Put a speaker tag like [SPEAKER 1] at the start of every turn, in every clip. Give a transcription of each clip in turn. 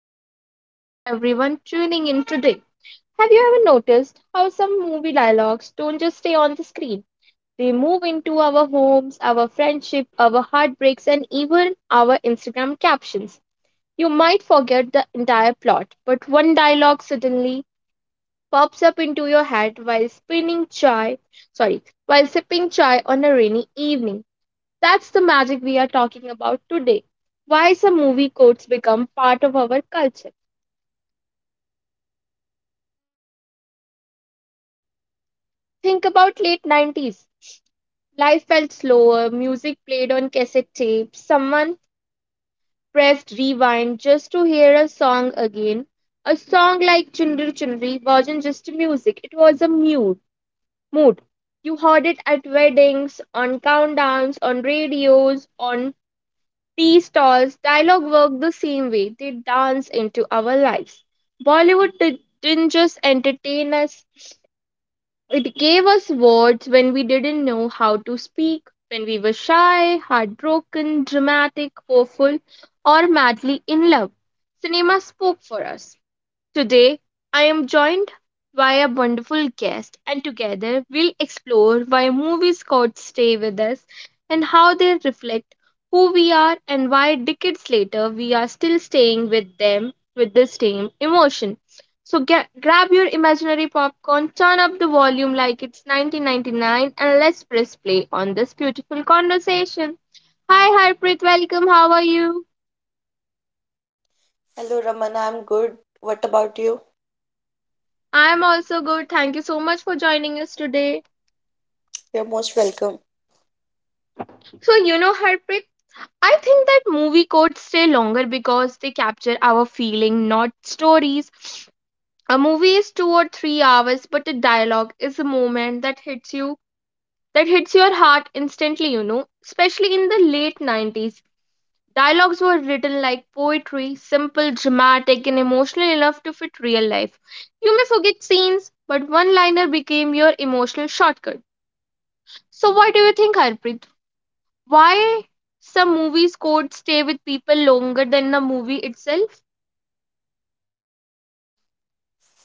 [SPEAKER 1] filmy hug to everyone tuning in today. Have you ever noticed how some movie dialogues don't just stay on the screen? They move into our homes, our friendship, our heartbreaks, and even our Instagram captions. You might forget the entire plot, but one dialogue suddenly pops up into your head while spinning chai, sorry, while sipping chai on a rainy evening. That's the magic we are talking about today. Why some movie quotes become part of our culture. Think about late 90s. Life felt slower, music played on cassette tapes, someone pressed rewind just to hear a song again. A song like Chundri Chundri wasn't just music, it was a mood. mood. You heard it at weddings, on countdowns, on radios, on tea stalls. Dialogue work the same way. They dance into our lives. Bollywood didn't just entertain us, it gave us words when we didn't know how to speak, when we were shy, heartbroken, dramatic, hopeful, or madly in love. Cinema spoke for us. Today, I am joined by a wonderful guest, and together we'll explore why movies got stay with us and how they reflect who we are and why decades later we are still staying with them with the same emotion. Grab your imaginary popcorn, turn up the volume like it's 1999, and let's press play on this beautiful conversation. Hi, Harpreet, welcome. How are you?
[SPEAKER 2] Hello, Ramana. I'm good. What about you?
[SPEAKER 1] I'm also good. Thank you so much for joining us today.
[SPEAKER 2] You're most welcome.
[SPEAKER 1] So, you know, Harpreet, I think that movie quotes stay longer because they capture our feeling, not stories. A movie is 2 or 3 hours, but a dialogue is a moment that hits you, that hits your heart instantly, you know. Especially in the late 90s, dialogues were written like poetry, simple, dramatic, and emotional enough to fit real life. You may forget scenes, but one liner became your emotional shortcut. So, what do you think, Harpreet? Why some movies codes stay with people longer than the movie itself?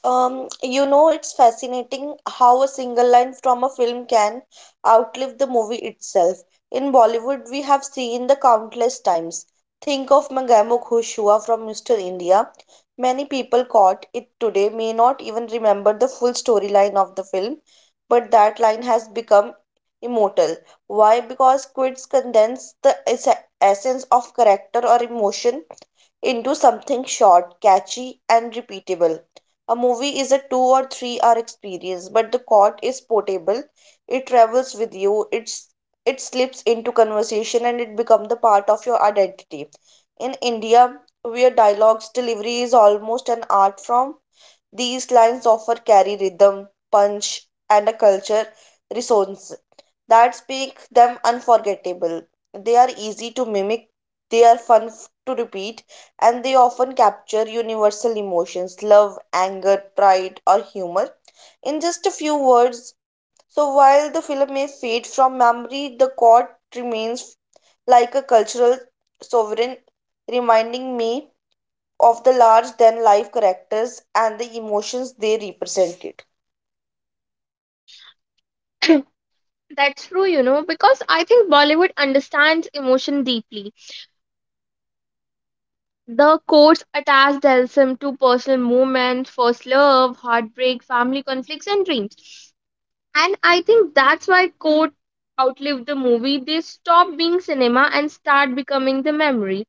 [SPEAKER 2] It's fascinating how a single line from a film can outlive the movie itself. In Bollywood, we have seen the countless times. Think of Mangamo Khush Hua from Mr. India. Many people caught it today may not even remember the full storyline of the film, but that line has become immortal. Why? Because quotes condense the essence of character or emotion into something short, catchy, and repeatable. A movie is a 2 or 3 hour experience, but the court is portable. It travels with you, it slips into conversation, and it becomes the part of your identity. In India, where dialogues delivery is almost an art form, these lines offer carry rhythm, punch, and a culture resonance that make them unforgettable. They are easy to mimic, they are fun to repeat, and they often capture universal emotions love, anger, pride, or humor in just a few words. So while the film may fade from memory, the chord remains like a cultural sovereign, reminding me of the large than life characters and the emotions they represented.
[SPEAKER 1] That's true, you know, because I think Bollywood understands emotion deeply. The quotes attach themselves to personal moments, first love, heartbreak, family conflicts, and dreams. And I think that's why quotes outlive the movie. They stop being cinema and start becoming the memory.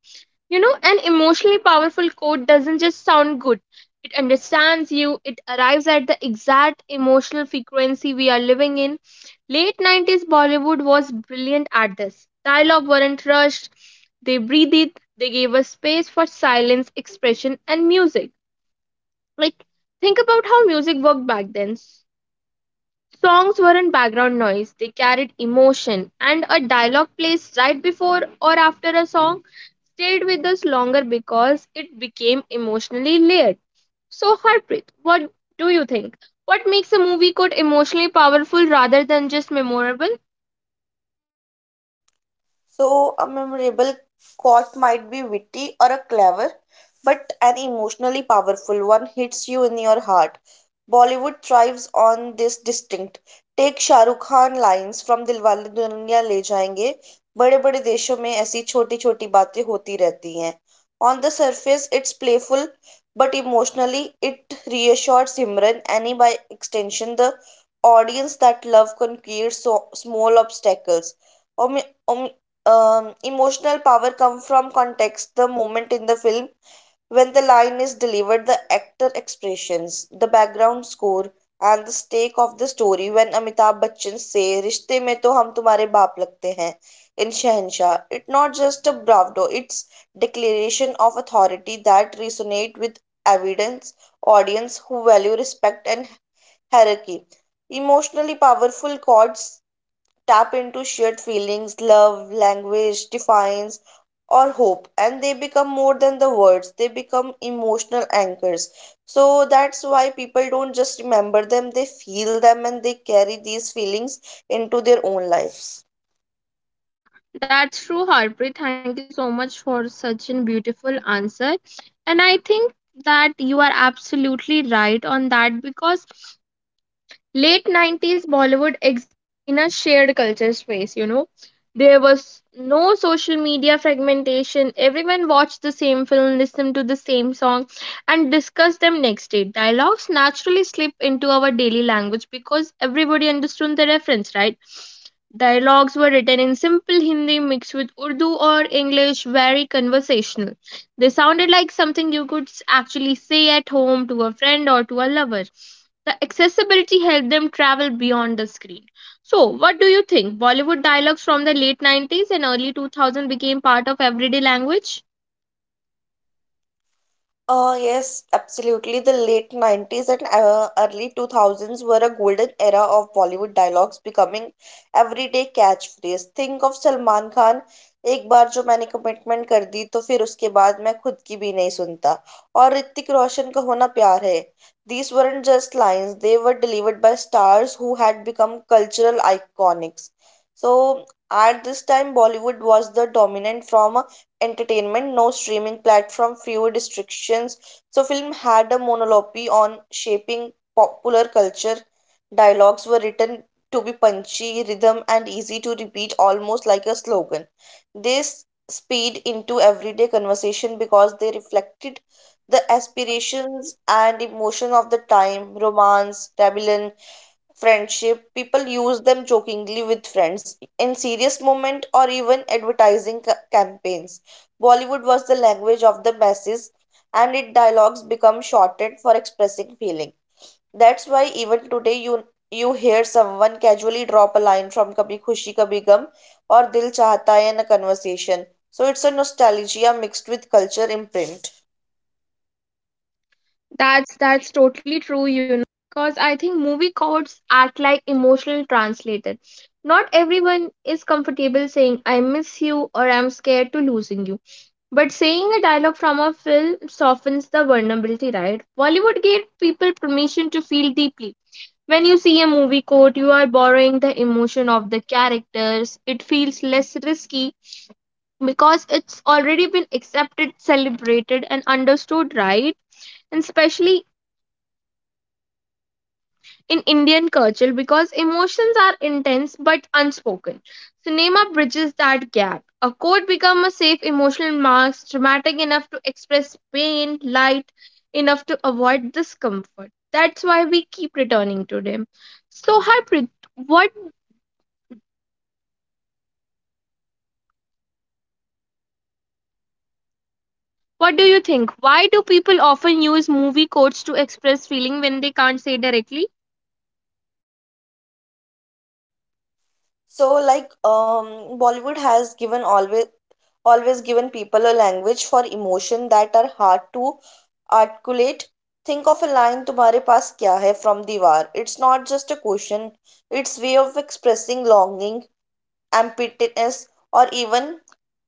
[SPEAKER 1] You know, an emotionally powerful quote doesn't just sound good, it understands you, it arrives at the exact emotional frequency we are living in. Late 90s Bollywood was brilliant at this. Dialogue weren't rushed, they breathed, they gave us space for silence, expression, and music. Like, think about how music worked back then. Songs weren't background noise, they carried emotion, and a dialogue placed right before or after a song stayed with us longer because it became emotionally layered. So, Harpreet, what do you think? What makes a movie quote emotionally powerful rather than just memorable?
[SPEAKER 2] So, a memorable quote might be witty or a clever, but an emotionally powerful one hits you in your heart. Bollywood thrives on this distinct. Take Shahrukh Khan lines from Dilwale Dulhania ले जाएंगे बड़े बड़े देशों में ऐसी छोटी छोटी बातें होती रहती हैं on the surface it's playful but emotionally it reassures Simran and by extension the audience that love can create so small obstacles. Omi- omi- Emotional power come from context the moment in the film when the line is delivered the actor expressions the background score and the stake of the story when amitabh bachchan say रिश्ते में तो हम तुम्हारे बाप लगते हैं in शहंशाह it not just a bravado it's declaration of authority that resonate with evidence audience who value respect and hierarchy emotionally powerful chords tap into shared feelings, love, language, defiance, or hope, and they become more than the words, they become emotional anchors. So that's why people don't just remember them, they feel them and they carry these feelings into their own lives.
[SPEAKER 1] That's true, Harpreet. Thank you so much for such a beautiful answer. And I think that you are absolutely right on that because late 90s Bollywood exists in a shared culture space, you know. There was no social media fragmentation. Everyone watched the same film, listened to the same song, and discussed them next day. Dialogues naturally slip into our daily language because everybody understood the reference, right? Dialogues were written in simple Hindi mixed with Urdu or English, very conversational. They sounded like something you could actually say at home to a friend or to a lover. The accessibility helped them travel beyond the screen. So, what do you think? Bollywood dialogues from the late 90s and early 2000 became part of everyday language?
[SPEAKER 2] Yes, absolutely. The late 90s and early 2000s were a golden era of Bollywood dialogues becoming everyday catchphrase. Think of Salman Khan एक बार जो मैंने commitment कर दी तो फिर उसके बाद मैं खुद की भी नहीं सुनता और ऋतिक रोशन का होना प्यार है these weren't just lines they were delivered by stars who had become cultural iconics so at this time bollywood was the dominant from entertainment, no streaming platform, fewer restrictions. So film had a monopoly on shaping popular culture. Dialogues were written to be punchy, rhythm and easy to repeat almost like a slogan. This speed into everyday conversation because they reflected the aspirations and emotion of the time, romance, rebellion, friendship people use them jokingly with friends in serious moment or even advertising campaigns Bollywood was the language of the masses, and its dialogues become shortened for expressing feeling. That's why even today you hear someone casually drop a line from Kabhi Khushi Kabhi Gum or Dil Chahta Hai in a conversation. So it's a nostalgia mixed with culture imprint.
[SPEAKER 1] That's totally true, you know, because I think movie codes act like emotional translators. Not everyone is comfortable saying I miss you or I'm scared to losing you. But saying a dialogue from a film softens the vulnerability, right? Bollywood gave people permission to feel deeply. When you see a movie quote, you are borrowing the emotion of the characters. It feels less risky because it's already been accepted, celebrated, and understood, right? And especially in Indian culture, because emotions are intense but unspoken. Cinema bridges that gap. A quote becomes a safe emotional mask, dramatic enough to express pain, light enough to avoid discomfort. That's why we keep returning to them. So, Harpreet, what what do you think? Why do people often use movie quotes to express feeling when they can't say directly?
[SPEAKER 2] So, like, Bollywood has given always given people a language for emotion that are hard to articulate. Think of a line तुम्हारे पास क्या है from दीवार. It's not just a question, it's way of expressing longing, ambitiousness, or even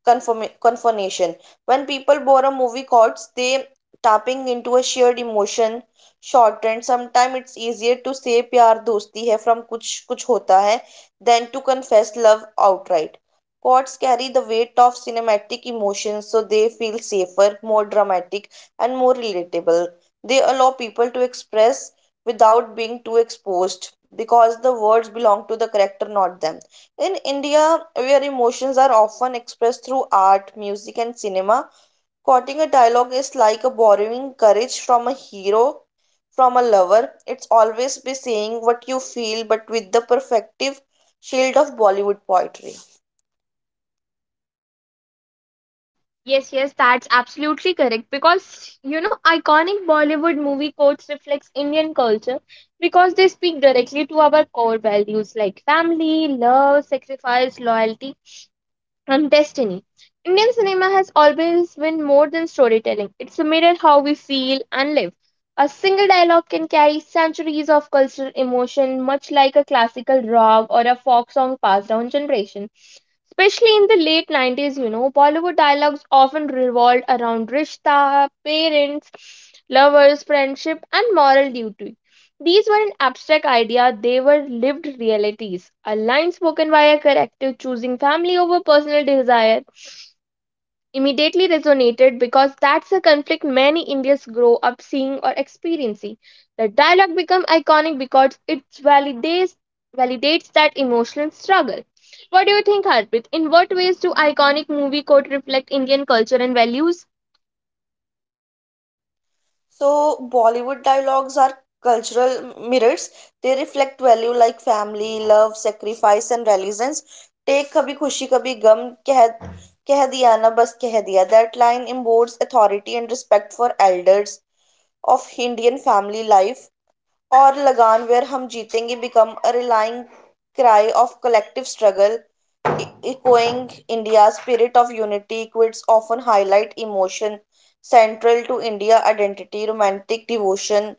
[SPEAKER 2] confrontation. When people borrow movie chords, they tapping into a shared emotion short and sometimes it's easier to say pyar dosti hai from kuch kuch hota hai than to confess love outright. Chords carry the weight of cinematic emotions, so they feel safer, more dramatic, and more relatable. They allow people to express without being too exposed because the words belong to the character, not them. In India, where emotions are often expressed through art, music, and cinema, quoting a dialogue is like borrowing courage from a hero, from a lover. It's always be saying what you feel, but with the perfective shield of Bollywood poetry.
[SPEAKER 1] Yes, yes, that's absolutely correct. Because, you know, iconic Bollywood movie quotes reflects Indian culture because they speak directly to our core values like family, love, sacrifice, loyalty, and destiny. Indian cinema has always been more than storytelling. It's a mirror how we feel and live. A single dialogue can carry centuries of cultural emotion, much like a classical rag or a folk song passed down generation. Especially in the late 90s, you know, Bollywood dialogues often revolved around rishta, parents, lovers, friendship, and moral duty. These weren't abstract ideas, they were lived realities. A line spoken by a character choosing family over personal desire immediately resonated because that's a conflict many Indians grow up seeing or experiencing. The dialogue becomes iconic because it validates that emotional struggle. What do you think, Harpreet? In what ways do iconic movie quote reflect Indian culture and values?
[SPEAKER 2] So, Bollywood dialogues are cultural mirrors. They reflect value like family, love, sacrifice, and resilience. Take Kabhi Khushi Kabhi Gum, keh Diya Na Bas Keh Diya. That line embodies authority and respect for elders of Indian family life. Or Lagan, where Hum Jeetenge become a relying cry of collective struggle echoing India's spirit of unity, quotes often highlight emotion central to India identity, romantic devotion,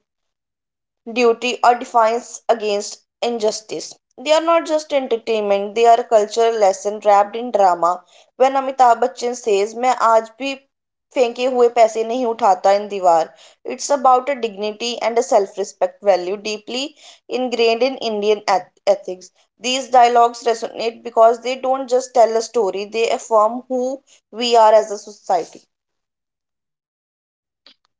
[SPEAKER 2] duty, or defiance against injustice. They are not just entertainment, they are a cultural lesson wrapped in drama. When Amitabh Bachchan says, मैं आज भी फेंके हुए पैसे नहीं उठाता in Deewar it's about a dignity and a self-respect value deeply ingrained in Indian ethics. These dialogues resonate because they don't just tell a story, they affirm who we are as a society.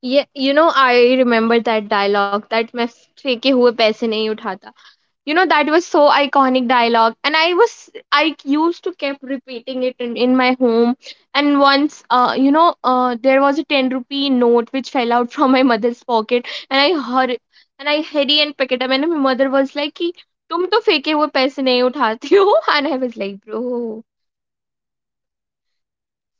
[SPEAKER 1] Yeah, you know, I remember that dialogue that मैं फेंके हुए पैसे नहीं उठाता. You know, that was so iconic dialogue, and I used to kept repeating it in my home. And once there was a 10 rupee note which fell out from my mother's pocket, and I hurry and pick it up, and my mother was like कि तुम तो फेंके हुए पैसे नहीं उठाती हो and I was like bro,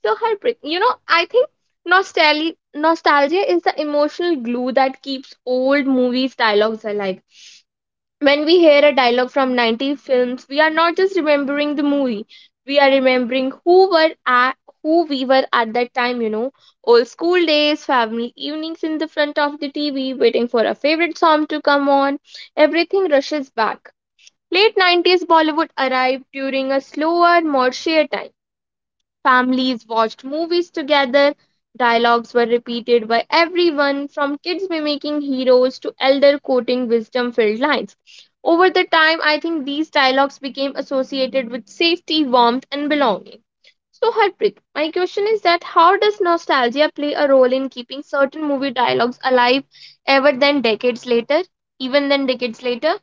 [SPEAKER 1] so heartbreaking, you know. I think nostalgia is the emotional glue that keeps old movies dialogues alive. When we hear a dialogue from 90s films, we are not just remembering the movie, we are remembering who we were at that time, you know. Old school days, family evenings in the front of the tv, waiting for a favorite song to come on. Everything rushes back. Late 90s Bollywood arrived during a slower, more sheer time. Families watched movies together. Dialogues were repeated by everyone, from kids mimicking heroes to elder quoting wisdom filled lines. Over the time, I think these dialogues became associated with safety, warmth, and belonging. So, Harpreet, my question is that how does nostalgia play a role in keeping certain movie dialogues alive ever then decades later? Even then decades later?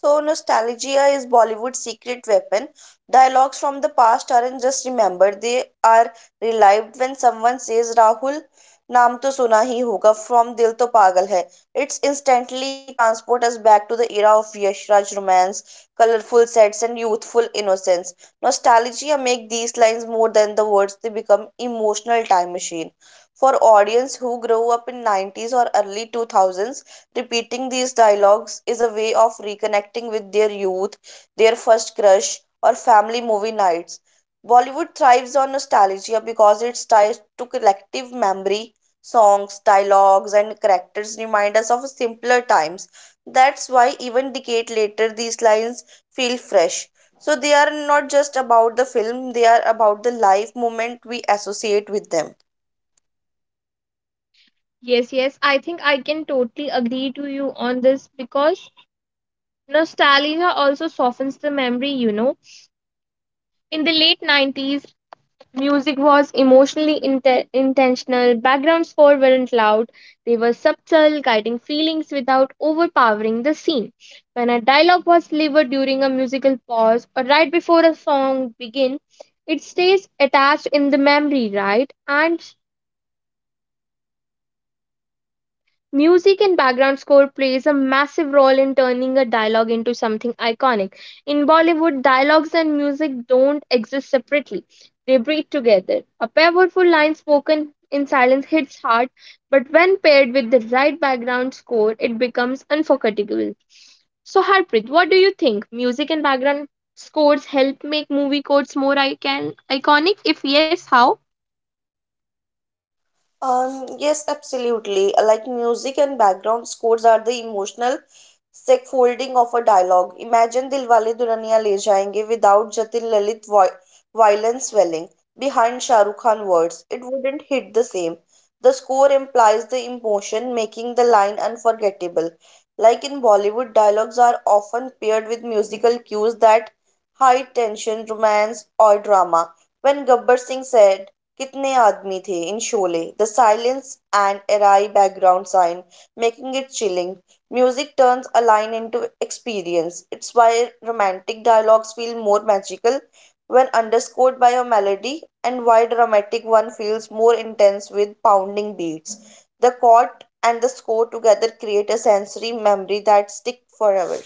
[SPEAKER 2] So, nostalgia is Bollywood's secret weapon. Dialogues from the past aren't just remembered, they are relived when someone says, Rahul, naam to suna hi hoga from Dil to Pagal hai. It's instantly transport us back to the era of Yashraj Raj romance, colorful sets, and youthful innocence. Nostalgia make these lines more than the words, they become emotional time machine. For audience who grew up in 90s or early 2000s, repeating these dialogues is a way of reconnecting with their youth, their first crush, or family movie nights. Bollywood thrives on nostalgia because it's tied to collective memory. Songs, dialogues, and characters remind us of simpler times. That's why, even decade later, these lines feel fresh. So, they are not just about the film, they are about the life moment we associate with them.
[SPEAKER 1] Yes, yes, I think I can totally agree to you on this because nostalgia also softens the memory, you know. In the late 90s, music was emotionally intentional, background score weren't loud, they were subtle, guiding feelings without overpowering the scene. When a dialogue was delivered during a musical pause or right before a song begins, it stays attached in the memory, right? And music and background score plays a massive role in turning a dialogue into something iconic. In Bollywood, dialogues and music don't exist separately. They breathe together. A powerful line spoken in silence hits hard, but when paired with the right background score, it becomes unforgettable. So, Harpreet, what do you think? Music and background scores help make movie quotes more iconic? If yes, how?
[SPEAKER 2] Yes, absolutely. Like music and background scores are the emotional scaffolding of a dialogue. Imagine Dilwale Dulhaniya Le Jayenge without Jatin Lalit violence swelling behind Shah Rukh Khan words. It wouldn't hit the same. The score implies the emotion, making the line unforgettable. Like in Bollywood, dialogues are often paired with musical cues that high tension, romance, or drama. When Gabbar Singh said, कितने आदमी थे इन Sholay the silence and awry background sign making it chilling music turns a line into experience it's why romantic dialogues feel more magical when underscored by a melody and why dramatic one feels more intense with pounding beats the chord and the score together create a sensory memory that stick forever.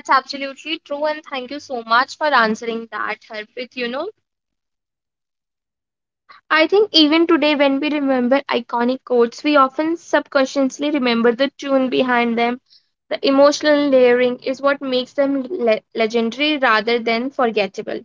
[SPEAKER 1] That's absolutely true, and thank you so much for answering that, Harpreet. You know, I think even today, when we remember iconic quotes, we often subconsciously remember the tune behind them. The emotional layering is what makes them legendary rather than forgettable.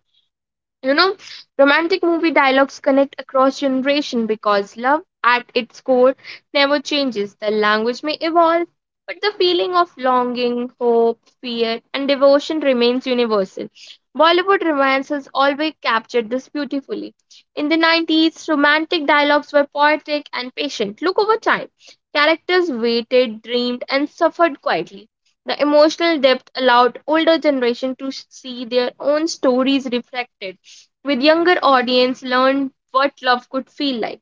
[SPEAKER 1] You know, romantic movie dialogues connect across generation because love at its core never changes. The language may evolve, but the feeling of longing, hope, fear, and devotion remains universal. Bollywood romance has always captured this beautifully. In the 90s, romantic dialogues were poetic and patient. Look over time. Characters waited, dreamed, and suffered quietly. The emotional depth allowed older generation to see their own stories reflected with younger audience learn what love could feel like.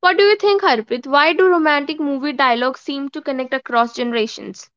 [SPEAKER 1] What do you think, Harpreet? Why do romantic movie dialogues seem to connect across generations?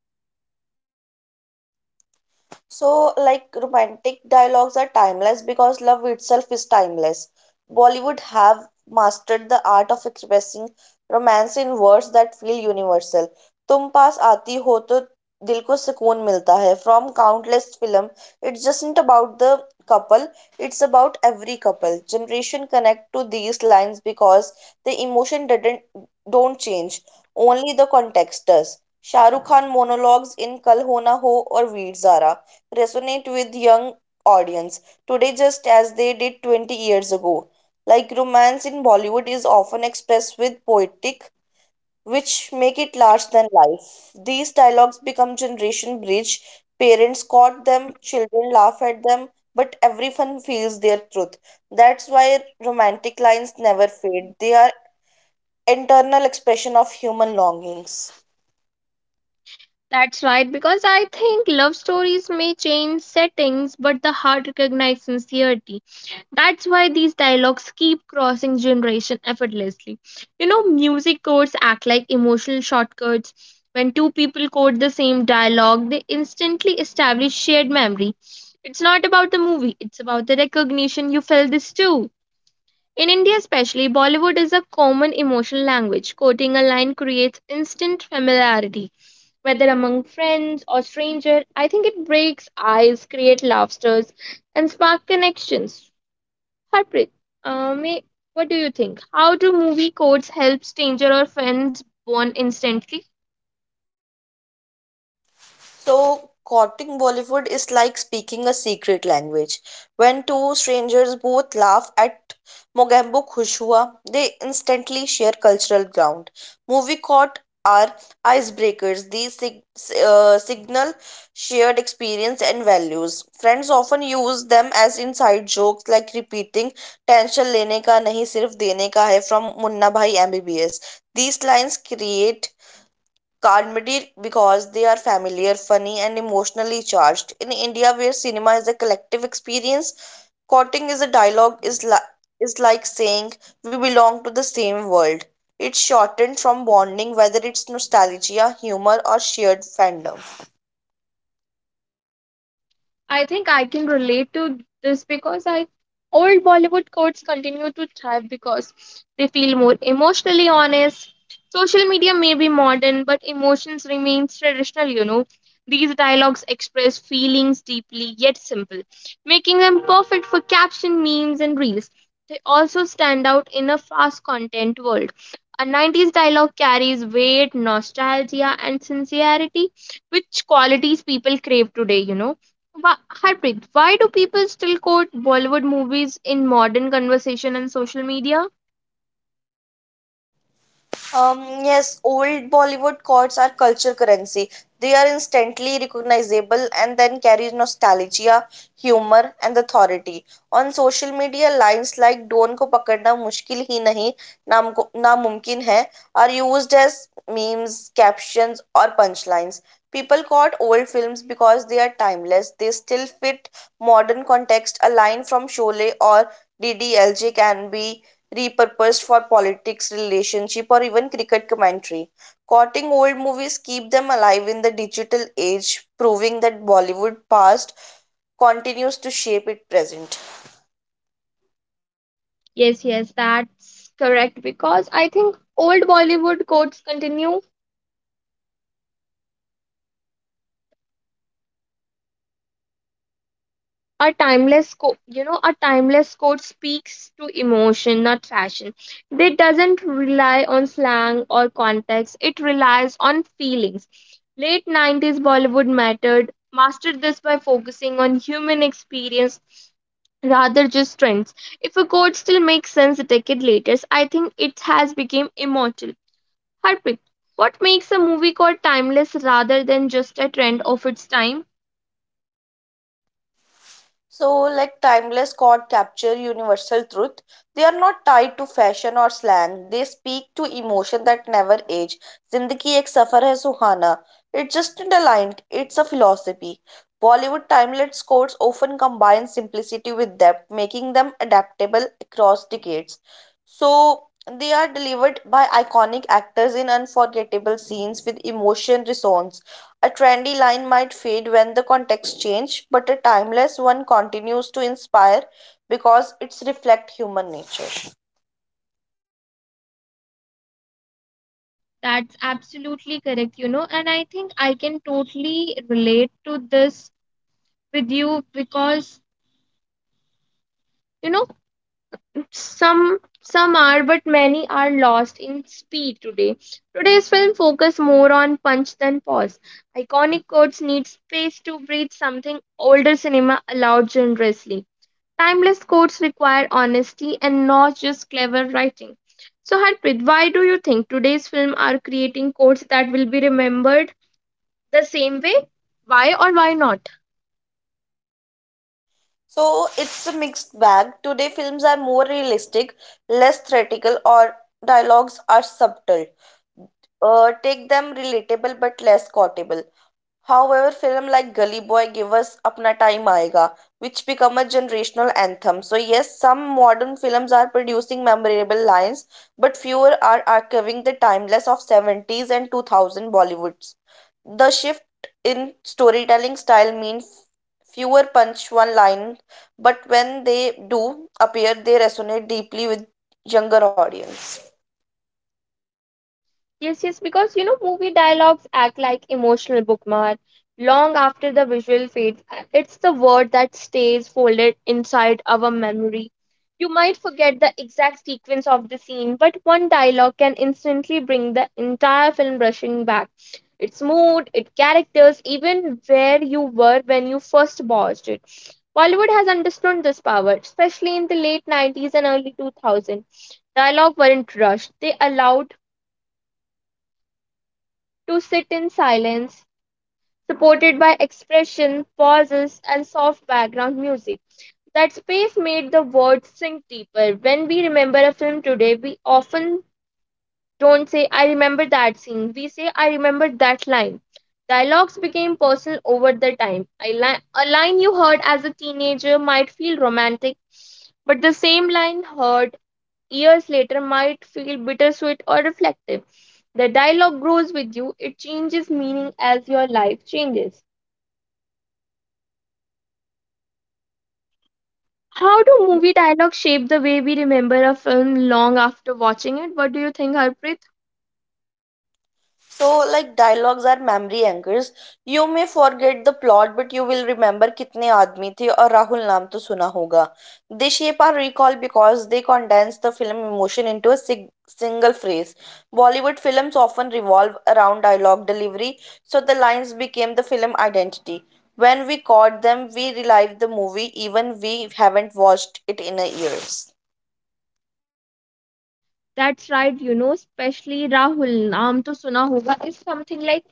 [SPEAKER 2] So, like romantic dialogues are timeless because love itself is timeless. Bollywood have mastered the art of expressing romance in words that feel universal. तुम पास आती हो तो दिल को सुकून मिलता है from countless film it's just about the couple it's about every couple generation connect to these lines because the emotion doesn't don't change only the context does Shahrukh Khan monologues in Kal Ho ना हो और वीर Zaara resonate with young audience today just as they did 20 years ago. Like romance in Bollywood is often expressed with poetic which make it larger than life. These dialogues become generation bridge. Parents quote them, children laugh at them, but everyone feels their truth. That's why romantic lines never fade. They are internal expression of human longings.
[SPEAKER 1] That's right, because I think love stories may change settings, but the heart recognizes sincerity. That's why these dialogues keep crossing generation effortlessly. You know, music codes act like emotional shortcuts. When two people quote the same dialogue, they instantly establish shared memory. It's not about the movie, it's about the recognition you felt this too. In India, especially, Bollywood is a common emotional language. Quoting a line creates instant familiarity, whether among friends or stranger. I think it breaks ice, creates laughters, and spark connections. Harpreet, uh, may, what do you think? How do movie codes help stranger or friends bond instantly?
[SPEAKER 2] So, quoting Bollywood is like speaking a secret language. When two strangers both laugh at Mogambo Khush Hua, they instantly share cultural ground. Movie quote are icebreakers. These signal shared experience and values. Friends often use them as inside jokes like repeating tension lene ka nahi sirf dene ka hai from Munna Bhai MBBS. These lines create comedy because they are familiar, funny, and emotionally charged. In India, where cinema is a collective experience, quoting is a dialogue is like saying we belong to the same world. It's shortened from bonding, whether it's nostalgia, humor, or shared fandom.
[SPEAKER 1] I think I can relate to this because I old Bollywood codes continue to thrive because they feel more emotionally honest. Social media may be modern, but emotions remains traditional, you know. These dialogues express feelings deeply yet simple, making them perfect for caption memes and reels. They also stand out in a fast content world. A 90s dialogue carries weight, nostalgia, and sincerity, which qualities people crave today, you know. Harpreet, why do people still quote Bollywood movies in modern conversation and social media?
[SPEAKER 2] Um, yes, old Bollywood chords are culture currency. They are instantly recognizable and then carry nostalgia, humor, and authority. On social media, lines like "Don ko पकड़ना mushkil hi nahi, naam को नामुमकिन hai," are used as memes, captions, or punchlines. People quote old films because they are timeless. They still fit modern context. A line from Sholay or DDLJ can be repurposed for politics, relationship, or even cricket commentary. Quoting old movies keep them alive in the digital age, proving that Bollywood past continues to shape it present.
[SPEAKER 1] Yes, yes, that's correct because I think old Bollywood quotes continue. A timeless quote, a timeless quote speaks to emotion, not fashion. It doesn't rely on slang or context. It relies on feelings. Late 90s Bollywood mastered this by focusing on human experience rather just trends. If a quote still makes sense a decade later, I think it has become immortal. Harpreet, what makes a movie called timeless rather than just a trend of its time?
[SPEAKER 2] So, like timeless chord capture universal truth. They are not tied to fashion or slang. They speak to emotion that never age. Zindagi ek safar hai suhana. It's just not a line. It's a philosophy. Bollywood timeless chords often combine simplicity with depth, making them adaptable across decades. So, they are delivered by iconic actors in unforgettable scenes with emotion resonance. A trendy line might fade when the context changes, but a timeless one continues to inspire because it's reflect human nature.
[SPEAKER 1] That's absolutely correct, you know, and I think I can totally relate to this with you because, you know, some some are but many are lost in speed today. Today's film focus more on punch than pause. Iconic quotes need space to breathe, something older cinema allowed generously. Timeless quotes require honesty and not just clever writing. So Harpreet, why do you think today's film are creating quotes that will be remembered? The same way? Why or why not?
[SPEAKER 2] So it's a mixed bag. Today films are more realistic, less theatrical, or dialogues are subtle. Take them relatable but less quotable. However, film like Gully Boy give us Apna Time Aayega, which become a generational anthem. So yes, some modern films are producing memorable lines, but fewer are archiving the timeless of 70s and 2000 Bollywoods. The shift in storytelling style means fewer punch one line, but when they do appear, they resonate deeply with younger audience.
[SPEAKER 1] Yes, yes, because you know, movie dialogues act like emotional bookmark long after the visual fades. It's the word that stays folded inside our memory. You might forget the exact sequence of the scene, but one dialogue can instantly bring the entire film rushing back. Its mood, its characters, even where you were when you first watched it. Bollywood has understood this power, especially in the late 90s and early 2000s dialogue weren't rushed. They allowed to sit in silence, supported by expression, pauses, and soft background music. That space made the words sink deeper. When we remember a film today, we often don't say, I remember that scene. We say, I remember that line. Dialogues became personal over the time. A line you heard as a teenager might feel romantic, but the same line heard years later might feel bittersweet or reflective. The dialogue grows with you, it changes meaning as your life changes. How do movie dialogue shape the way we remember a film long after watching it? What do you think, Harpreet?
[SPEAKER 2] So, like dialogues are memory anchors. You may forget the plot, but you will remember कितने आदमी थे और राहुल नाम तो सुना होगा. They shape our recall because they condense the film emotion into a single phrase. Bollywood films often revolve around dialogue delivery, so the lines became the film identity. When we caught them, we relive the movie even we haven't watched it in a years.
[SPEAKER 1] That's right, you know, especially Rahul, Naam to Suna Hoga is something like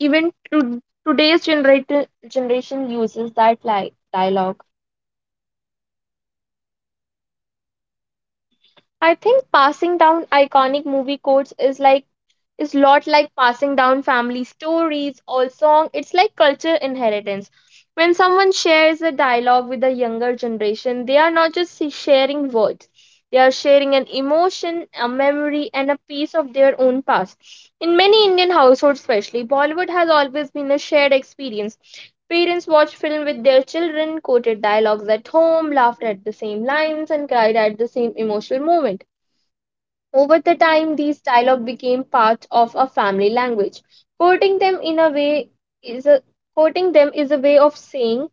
[SPEAKER 1] even today's generation uses that like dialogue. I think passing down iconic movie quotes is is lot like passing down family stories or song, it's like culture inheritance. When someone shares a dialogue with the younger generation, they are not just sharing words, they are sharing an emotion, a memory, and a piece of their own past. In many Indian households, especially Bollywood has always been a shared experience. Parents watched film with their children, quoted dialogues at home, laughed at the same lines, and cried at the same emotional moment. Over the time, these dialogue became part of a family language. Quoting them in a way is a Quoting them is a way of saying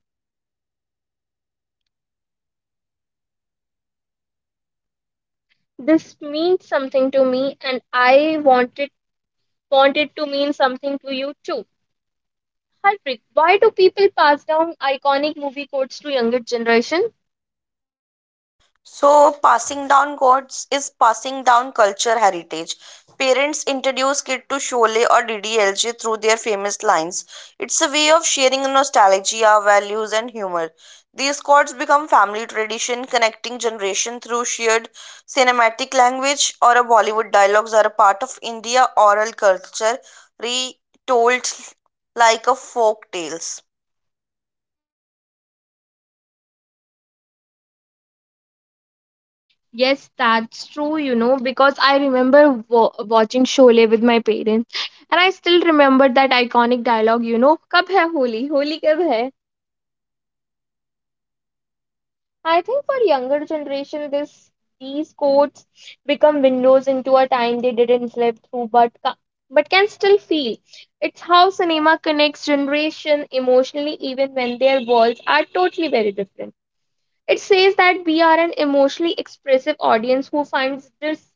[SPEAKER 1] this means something to me, and I want it to mean something to you too. Harpreet, why do people pass down iconic movie quotes to younger generation?
[SPEAKER 2] So, passing down gods is passing down culture heritage. Parents introduce kid to Sholay or DDLJ through their famous lines. It's a way of sharing nostalgia, values, and humor. These gods become family tradition, connecting generation through shared cinematic language or a Bollywood dialogues are a part of India oral culture, retold like a folk tales.
[SPEAKER 1] Yes, that's true. You know, because I remember watching Sholay with my parents, and I still remember that iconic dialogue. You know, "Kab hai Holi? Holi kab hai?" I think for younger generation, this these codes become windows into a time they didn't live through, but can still feel. It's how cinema connects generation emotionally, even when their worlds are totally very different. It says that we are an emotionally expressive audience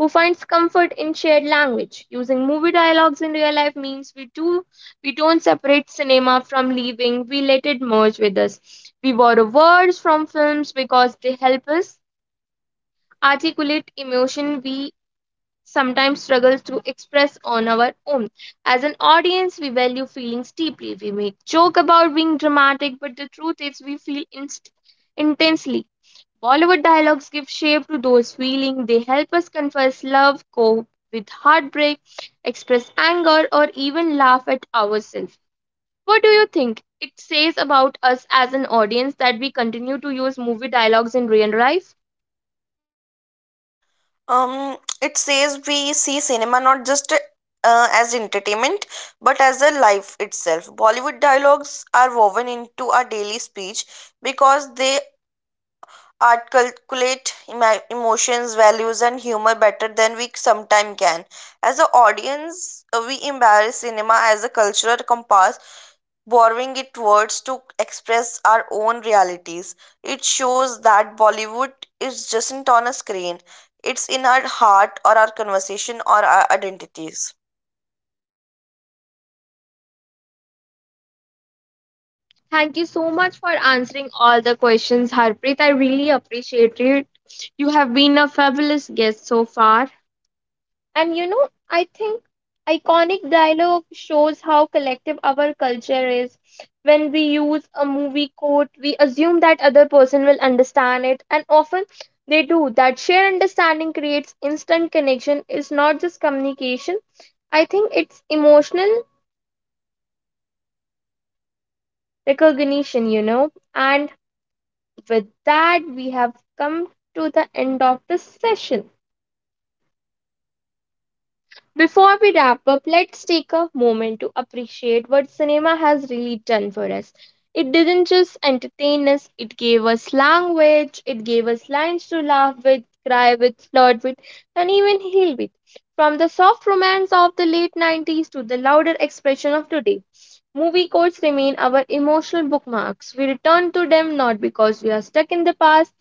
[SPEAKER 1] who finds comfort in shared language. Using movie dialogues in real life means we don't separate cinema from living. We let it merge with us. We borrow words from films because they help us articulate emotion we sometimes struggle to express on our own. As an audience, we value feelings deeply. We make joke about being dramatic, but the truth is we feel intensely. Bollywood dialogues give shape to those feelings. They help us confess love, cope with heartbreak, express anger, or even laugh at ourselves. What do you think? It says about us as an audience that we continue to use movie dialogues in real life.
[SPEAKER 2] It says we see cinema not just as entertainment but as a life itself bollywood dialogues are woven into our daily speech because they articulate emotions values and humor better than we sometimes can as an audience we embrace cinema as a cultural compass borrowing its words to express our own realities. It shows that Bollywood is just not on a screen, it's in our heart or our conversation or our identities.
[SPEAKER 1] Thank you so much for answering all the questions, Harpreet. I really appreciate it. You have been a fabulous guest so far. And you know, I think iconic dialogue shows how collective our culture is. When we use a movie quote, we assume that other person will understand it, and often they do. That shared understanding creates instant connection. It's not just communication. I think it's emotional recognition, And with that, we have come to the end of the session. Before we wrap up, let's take a moment to appreciate what cinema has really done for us. It didn't just entertain us, it gave us language, it gave us lines to laugh with, cry with, flirt with, and even heal with. From the soft romance of the late 90s to the louder expression of today, movie quotes remain our emotional bookmarks. We return to them not because we are stuck in the past,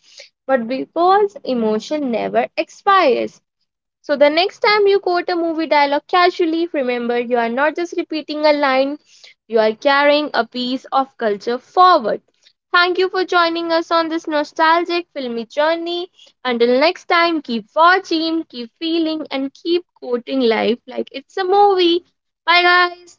[SPEAKER 1] but because emotion never expires. So the next time you quote a movie dialogue casually, remember you are not just repeating a line, you are carrying a piece of culture forward. Thank you for joining us on this nostalgic filmy journey. Until next time, keep watching, keep feeling, and keep quoting life like it's a movie. Bye, guys.